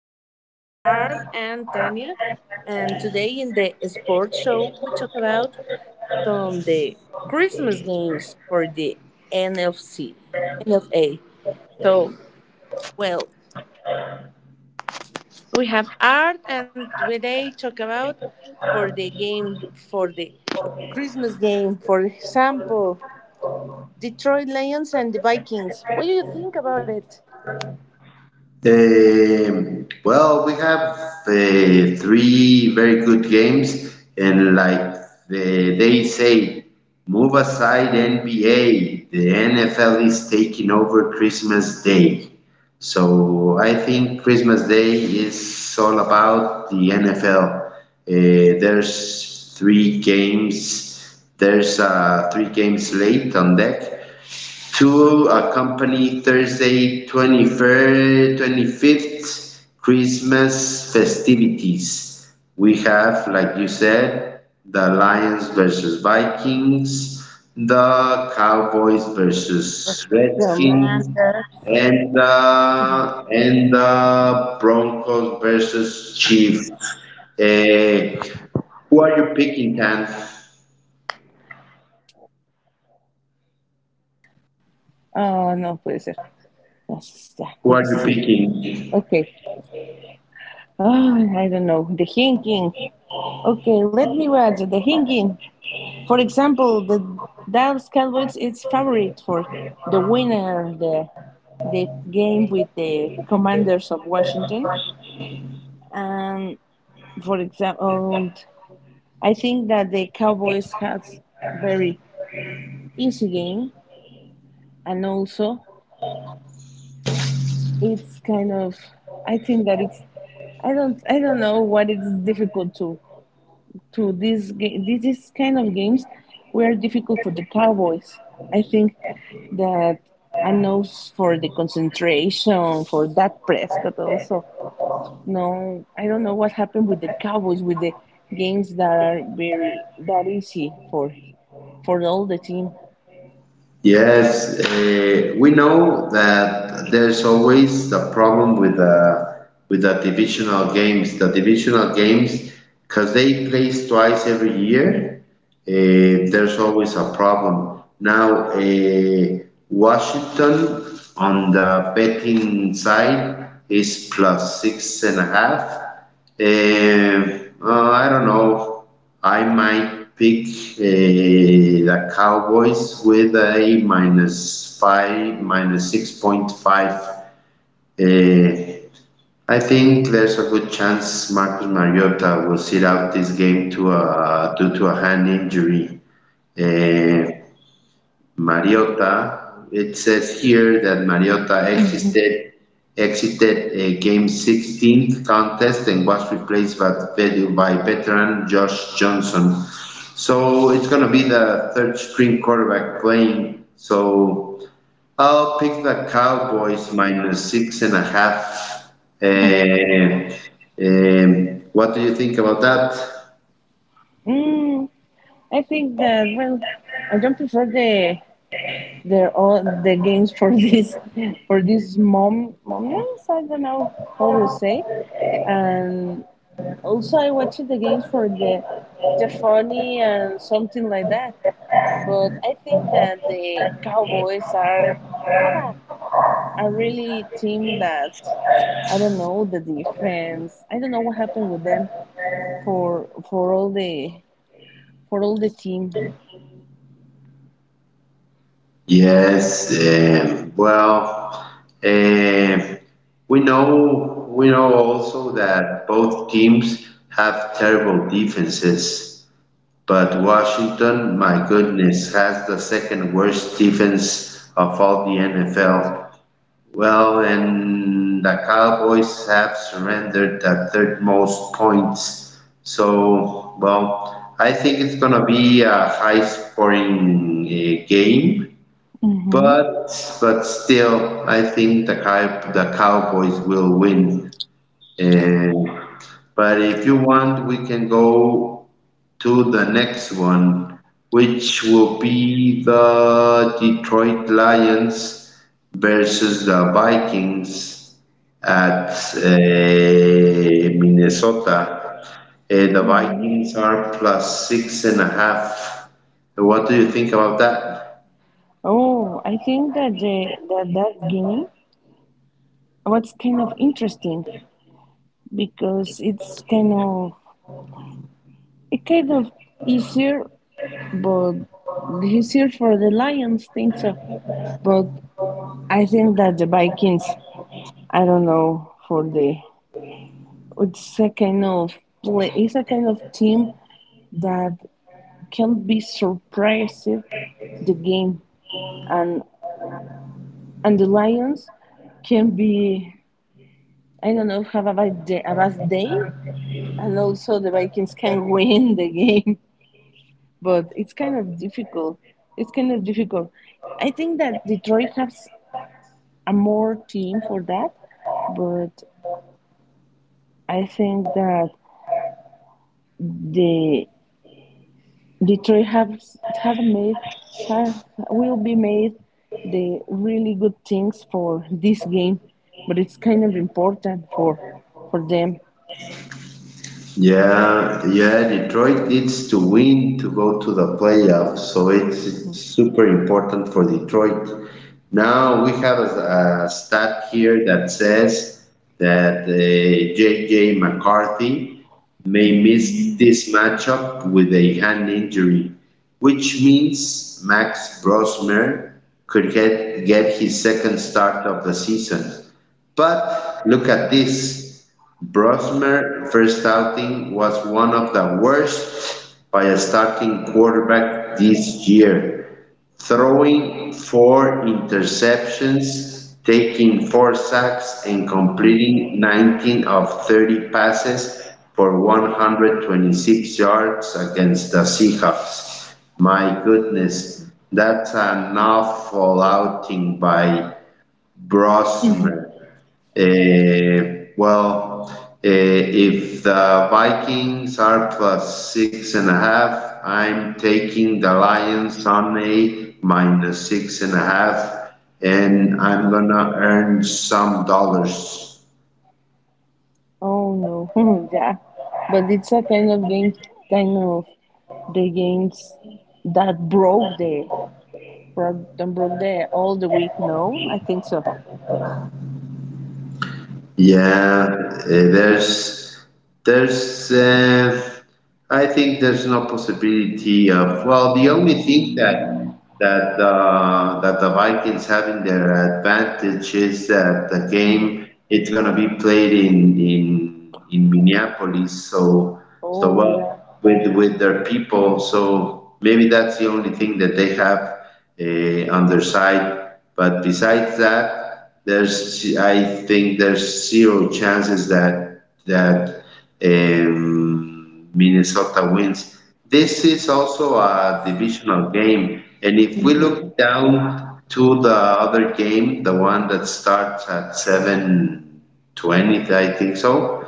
was Art and Tanya. And today in the sports show, we talk about some the Christmas games for the NFC, NFA. So, well, we have Art, and today talk about for the game for the Christmas game. For example, Detroit Lions and the Vikings. What do you think about it? Well, we have uh, three very good games, and like they say, move aside NBA. The NFL is taking over Christmas Day. So I think Christmas Day is all about the NFL. There's three games. There's a three game slate on deck to accompany Thursday, 23rd, 25th Christmas festivities. We have, like you said, the Lions versus Vikings, the Cowboys versus The man. Redskins, and the Broncos versus Chiefs. Eh, who are you picking, Dan? Ah, no puede ser. No sé, ya, Who creo are que you sí sigue. picking? Okay. Ah, I don't know. The thinking. Okay, let me watch the thinking. For example, the Dallas Cowboys is favorite for the winner, the game with the Commanders of Washington. And for example, I think that the Cowboys has very easy game, and also it's kind of, I think that it's, I don't know what it's difficult to this game, this is kind of games were difficult for the Cowboys. I think that I know for the concentration for that Prescott also. No, I don't know what happened with the Cowboys with the games that are very that easy for all the team. Yes, we know that there's always the problem with the divisional games. The divisional games, because they plays twice every year, there's always a problem. Now, Washington on the betting side is plus six and a half. Um, uh, well, I don't know. I might pick the Cowboys with a minus five, minus 6.5. Eh, I think there's a good chance Marcus Mariota will sit out this game due to a hand injury. Eh, Mariota. It says here that Mariota Mm-hmm. exited a game 16 contest and was replaced by veteran Josh Johnson. So it's going to be the third string quarterback playing. So I'll pick the Cowboys minus six and a half. Uh, what do you think about that? Mm, I think that, well, I don't prefer the, they're all the games for this for these mom momias. I don't know how to say. And also, I watched the games for the funny and something like that. But I think that the Cowboys are, have a really team that, I don't know the defense. I don't know what happened with them for all the for all the team. Yes. Well, um, we know also that both teams have terrible defenses, but Washington, my goodness, has the second worst defense of all the NFL. Well, and the Cowboys have surrendered the third most points. So, well, I think it's gonna be a high scoring game. Hmm. But but still, I think the Cowboys will win. And, but if you want, we can go to the next one, which will be the Detroit Lions versus the Vikings at Minnesota. The Vikings are plus six and a half. What do you think about that? Oh, I think that the, that game, what's kind of interesting, because it's kind of, it kind of easier, but easier for the Lions, think so, but I think that the Vikings, I don't know, for the, it's a kind of play, it's a kind of team that can be surprising the game, and and the Lions can be, I don't know, have a bad day, a bad day, and also the Vikings can win the game, but it's kind of difficult. It's kind of difficult. I think that Detroit has a more team for that, but I think that the Detroit has have made, have, will be made the really good things for this game, but it's kind of important for them. Yeah, yeah, Detroit needs to win to go to the playoffs, so it's super important for Detroit. Now we have a stat here that says that JJ McCarthy may miss this matchup with a hand injury, which means Max Brosmer could get his second start of the season. But look at this. Brosmer's first outing was one of the worst by a starting quarterback this year, throwing four interceptions, taking four sacks, and Mhm. completing 19 of 30 passes for 126 yards against the Seahawks. My goodness, that's an awful outing by Brosmer. Well, eh, if the Vikings are plus six and a half, I'm taking the Lions on a minus six and a half, and I'm gonna earn some dollars. Oh no, yeah, but it's a kind of game, kind of the games that broke the Broad, don't broke there all the week. No, I think so. Yeah, eh, there's there's I think there's no possibility of, well, the only thing that the Vikings have in their advantage is that the Hmm. game it's gonna be played in Minneapolis. So Oh yeah. well, with their people. So maybe that's the only thing that they have on their side. But besides that, there's I think there's zero chances that that Minnesota wins. This is also a divisional game, and if we Hmm. look down to the other game, the one that starts at 7:20, I think so.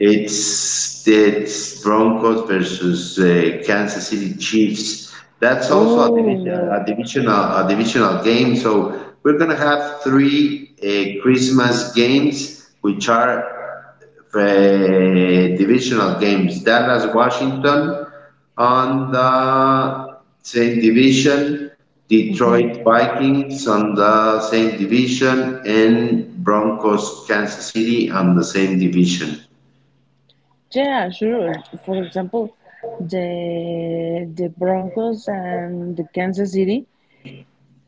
It's Broncos versus Kansas City Chiefs. That's also Oh no. A divisional game. So we're gonna have three Christmas games, which are divisional games. Dallas, Washington, on the same division. Detroit Vikings on the same division, and Broncos, Kansas City on the same division. Yeah, sure. For example, the Broncos and the Kansas City.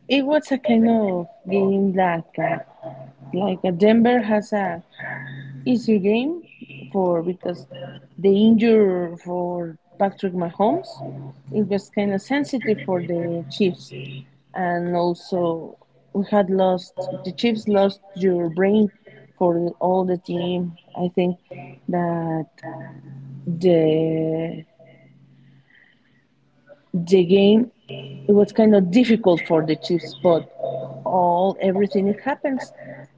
It was a kind of game like a Denver has a easier game for, because the injury for Patrick Mahomes, it was kind of sensitive for the Chiefs, and also we had lost, the Chiefs lost your brain for all the team. I think that the the game it was kind of difficult for the Chiefs, but all, everything it happens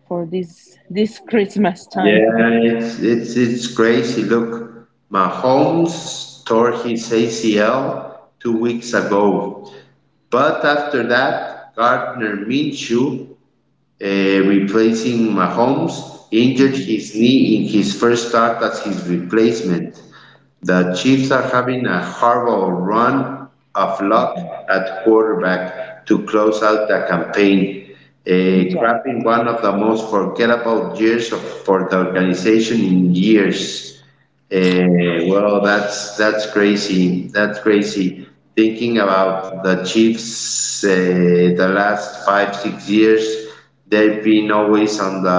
for this Christmas time. Yeah, it's crazy. Look, Mahomes tore his ACL 2 weeks ago, but after that, Gardner Minshew, replacing Mahomes, injured his knee in his first start as his replacement. The Chiefs are having a horrible run of luck at quarterback to close out the campaign, Yeah. crapping one of the most forgettable years for the organization in years. Well, that's crazy. That's crazy. Thinking about the Chiefs, the last five six years, they've been always on the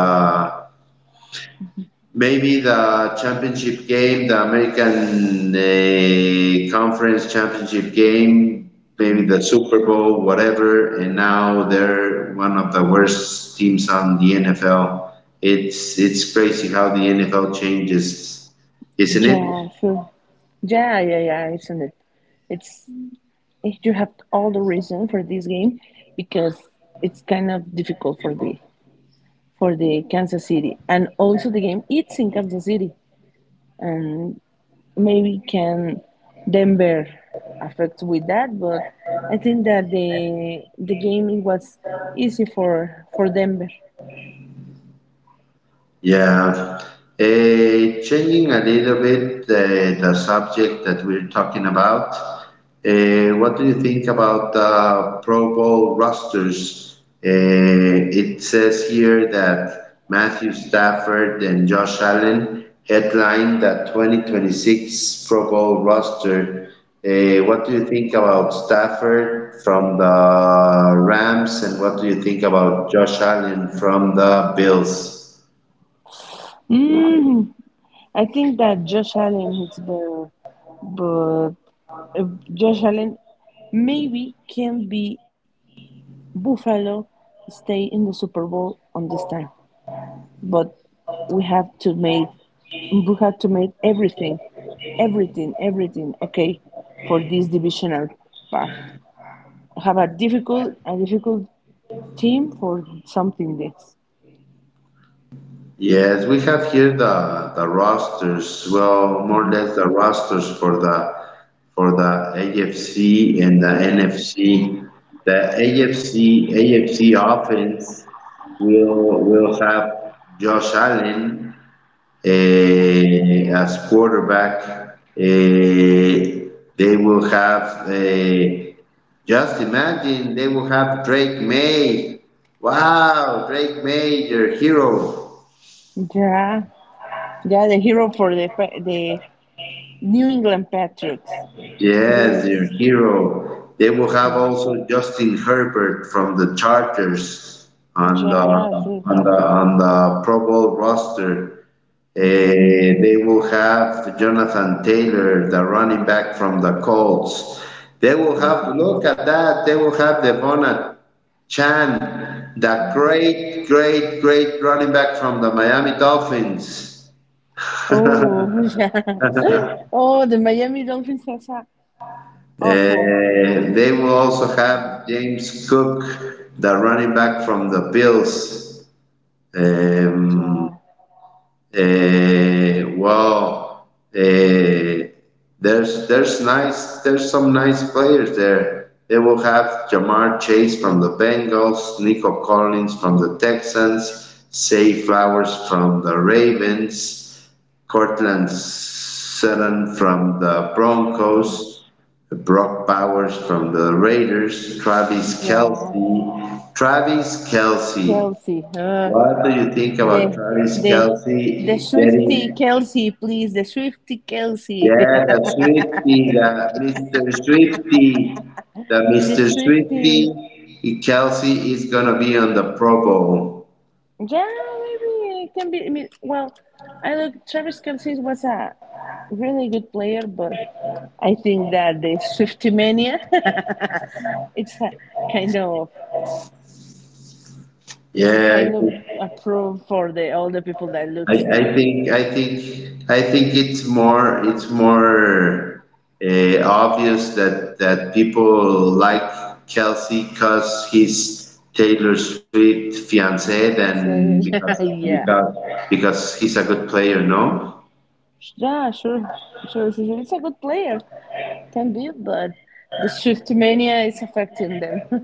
maybe the championship game, the American Conference Championship game, maybe the Super Bowl, whatever. And now they're one of the worst teams on the NFL. It's crazy how the NFL changes, isn't it? Yeah, sure. Yeah, yeah, yeah, isn't it? It's, you have all the reason for this game because it's kind of difficult for the, for the Kansas City, and also the game it's in Kansas City, and maybe can Denver affect with that, but I think that the game it was easy for Denver. Yeah. Changing a little bit the subject that we're talking about, what do you think about the Pro Bowl rosters? It says here that Matthew Stafford and Josh Allen headline the 2026 Pro Bowl roster. What do you think about Stafford from the Rams, and what do you think about Josh Allen from the Bills? Mm. I think that Josh Allen hits better, but uh, Josh Allen maybe can be Buffalo stay in the Super Bowl on this time, but we have to make we have to make everything, everything, everything okay for this divisional part. Have a difficult, a difficult team for something this. Yes, we have here the rosters. Well, more or less the rosters for the AFC and the NFC. The AFC offense will have Josh Allen as quarterback. Eh, they will have just imagine they will have Drake May. Wow, Drake May, your hero. Yeah, yeah, the hero for the Pa- the New England Patriots. Yes, your Yes, hero. They will have yes. also Justin Herbert from the Chargers on the Jazz. on the Pro Bowl roster. They will have Jonathan Taylor, the running back from the Colts. They will have, look at that. They will have Devon Chan, the great, great, great running back from the Miami Dolphins. Oh, yeah. Oh, the Miami Dolphins are so awful. They will also have James Cook, the running back from the Bills. Um, Yeah, uh, well, uh, there's some nice players there. They will have Jamar Chase from the Bengals, Nico Collins from the Texans, Say Flowers from the Ravens, Cortland Sutton from the Broncos, Brock Bowers from the Raiders, Travis yeah. Kelsey. Travis Kelsey, Kelsey. What do you think about the, Travis the, the Kelsey Swifty getting? Kelsey, please. The Swifty Kelsey. Yeah, the Swifty, the Mr. Swifty, the The Mr. Swifty. Swifty. Kelsey is gonna be on the Pro Bowl. Yeah, maybe it can be. I mean, well, I look, Travis Kelsey was a really good player, but I think that the Swifty Mania, it's a kind of. Yeah, Kind of approve for the all the people that looks I the think I think I think it's more obvious that people like Kelsey because he's Taylor Swift fiance than because yeah, because because he's a good player, no? yeah, sure, sure, sure, sure. It's a good player, can be, but the shift mania is affecting them.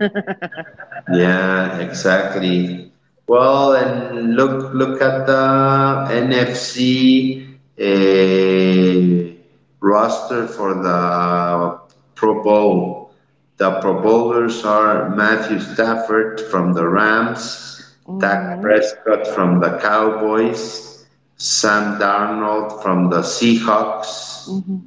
Yeah, exactly. Well, and look at the NFC roster for the Pro Bowl. The Pro Bowlers are Matthew Stafford from the Rams, Dak Mm-hmm. Prescott from the Cowboys, Sam Darnold from the Seahawks, Mm-hmm.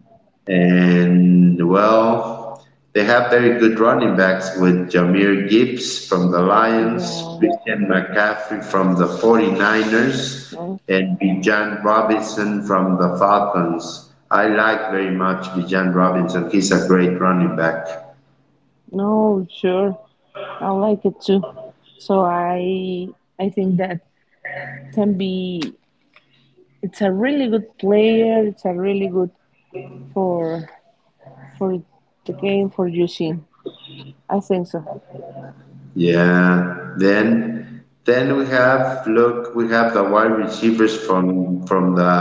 and, well, they have very good running backs with Jameer Gibbs from the Lions, Yeah, Christian McCaffrey from the 49ers, no, and Bijan Robinson from the Falcons. I like very much Bijan Robinson. He's a great running back. no, sure, I like it too. So I think that can be, it's a really good player, it's a really good for for the game for using, I think so. Yeah. Then we have look we have the wide receivers from from the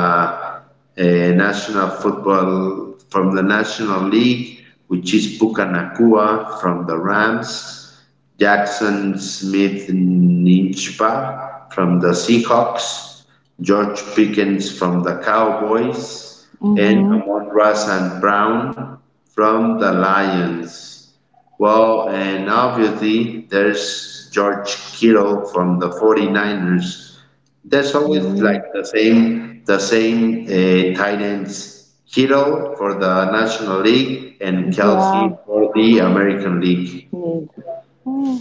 uh, national football from the National League, which is Puka Nakua from the Rams, Jackson Smith Ninchba from the Seahawks, George Pickens from the Cowboys, Mm-hmm. and Amon Ross and Brown from the Lions. Well, and obviously there's George Kittle from the 49ers. There's always Mm, like the same tight ends. Kittle for the National League and Kelsey yeah, for the American League. need. Hmm,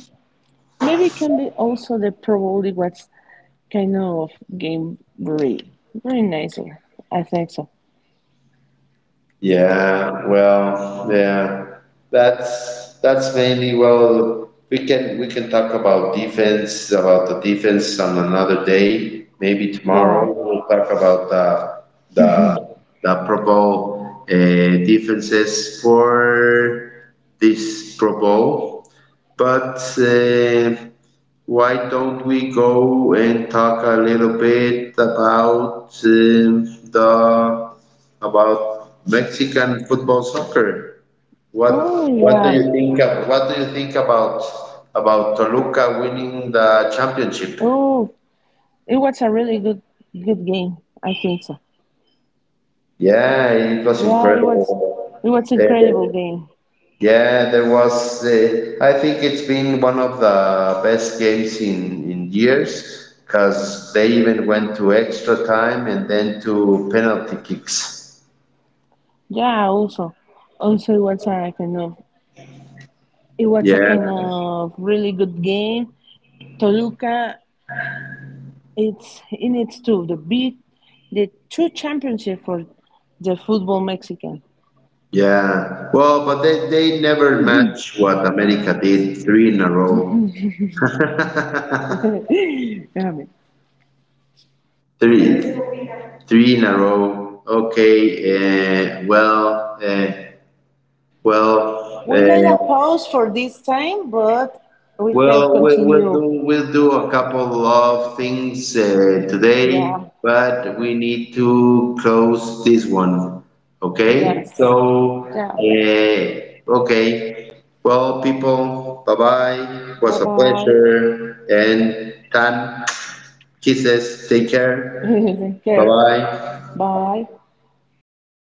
maybe it can be also the probably what's kind of game very, very nice. I think so. Yeah, well, yeah, that's mainly well. We can talk about the defense on another day. Maybe Yeah. tomorrow we'll talk about the the Pro Bowl defenses for this Pro Bowl. But why don't we go and talk a little bit about the about Mexican football soccer? What Oh what do yeah. you think of, what do you think about Toluca winning the championship? Oh, it was a really good good game. I think so. Yeah, it was Yeah, it was, incredible. it was Uh, incredible game. Yeah, there was. I think it's been one of the best games in years because they even went to extra time and then to penalty kicks. Yeah. Also, also it was a kind of, it was a Yeah, kind of really good game. Toluca, it's in its tool the beat the two championship for the football Mexican. yeah. Well, but they never match what America did three in a row. Espérame. Three, three in a row. Okay. Well, well. We made a uh, pause for this time, but we can Well, we- we'll do continue. we'll do a couple of things today, Yeah, but we need to close this one. Okay? So, yes, yeah. uh, okay. Well, people, bye-bye. Bye Was a bye. pleasure. And Tan, kisses. Take care. Take care. Bye-bye. Bye.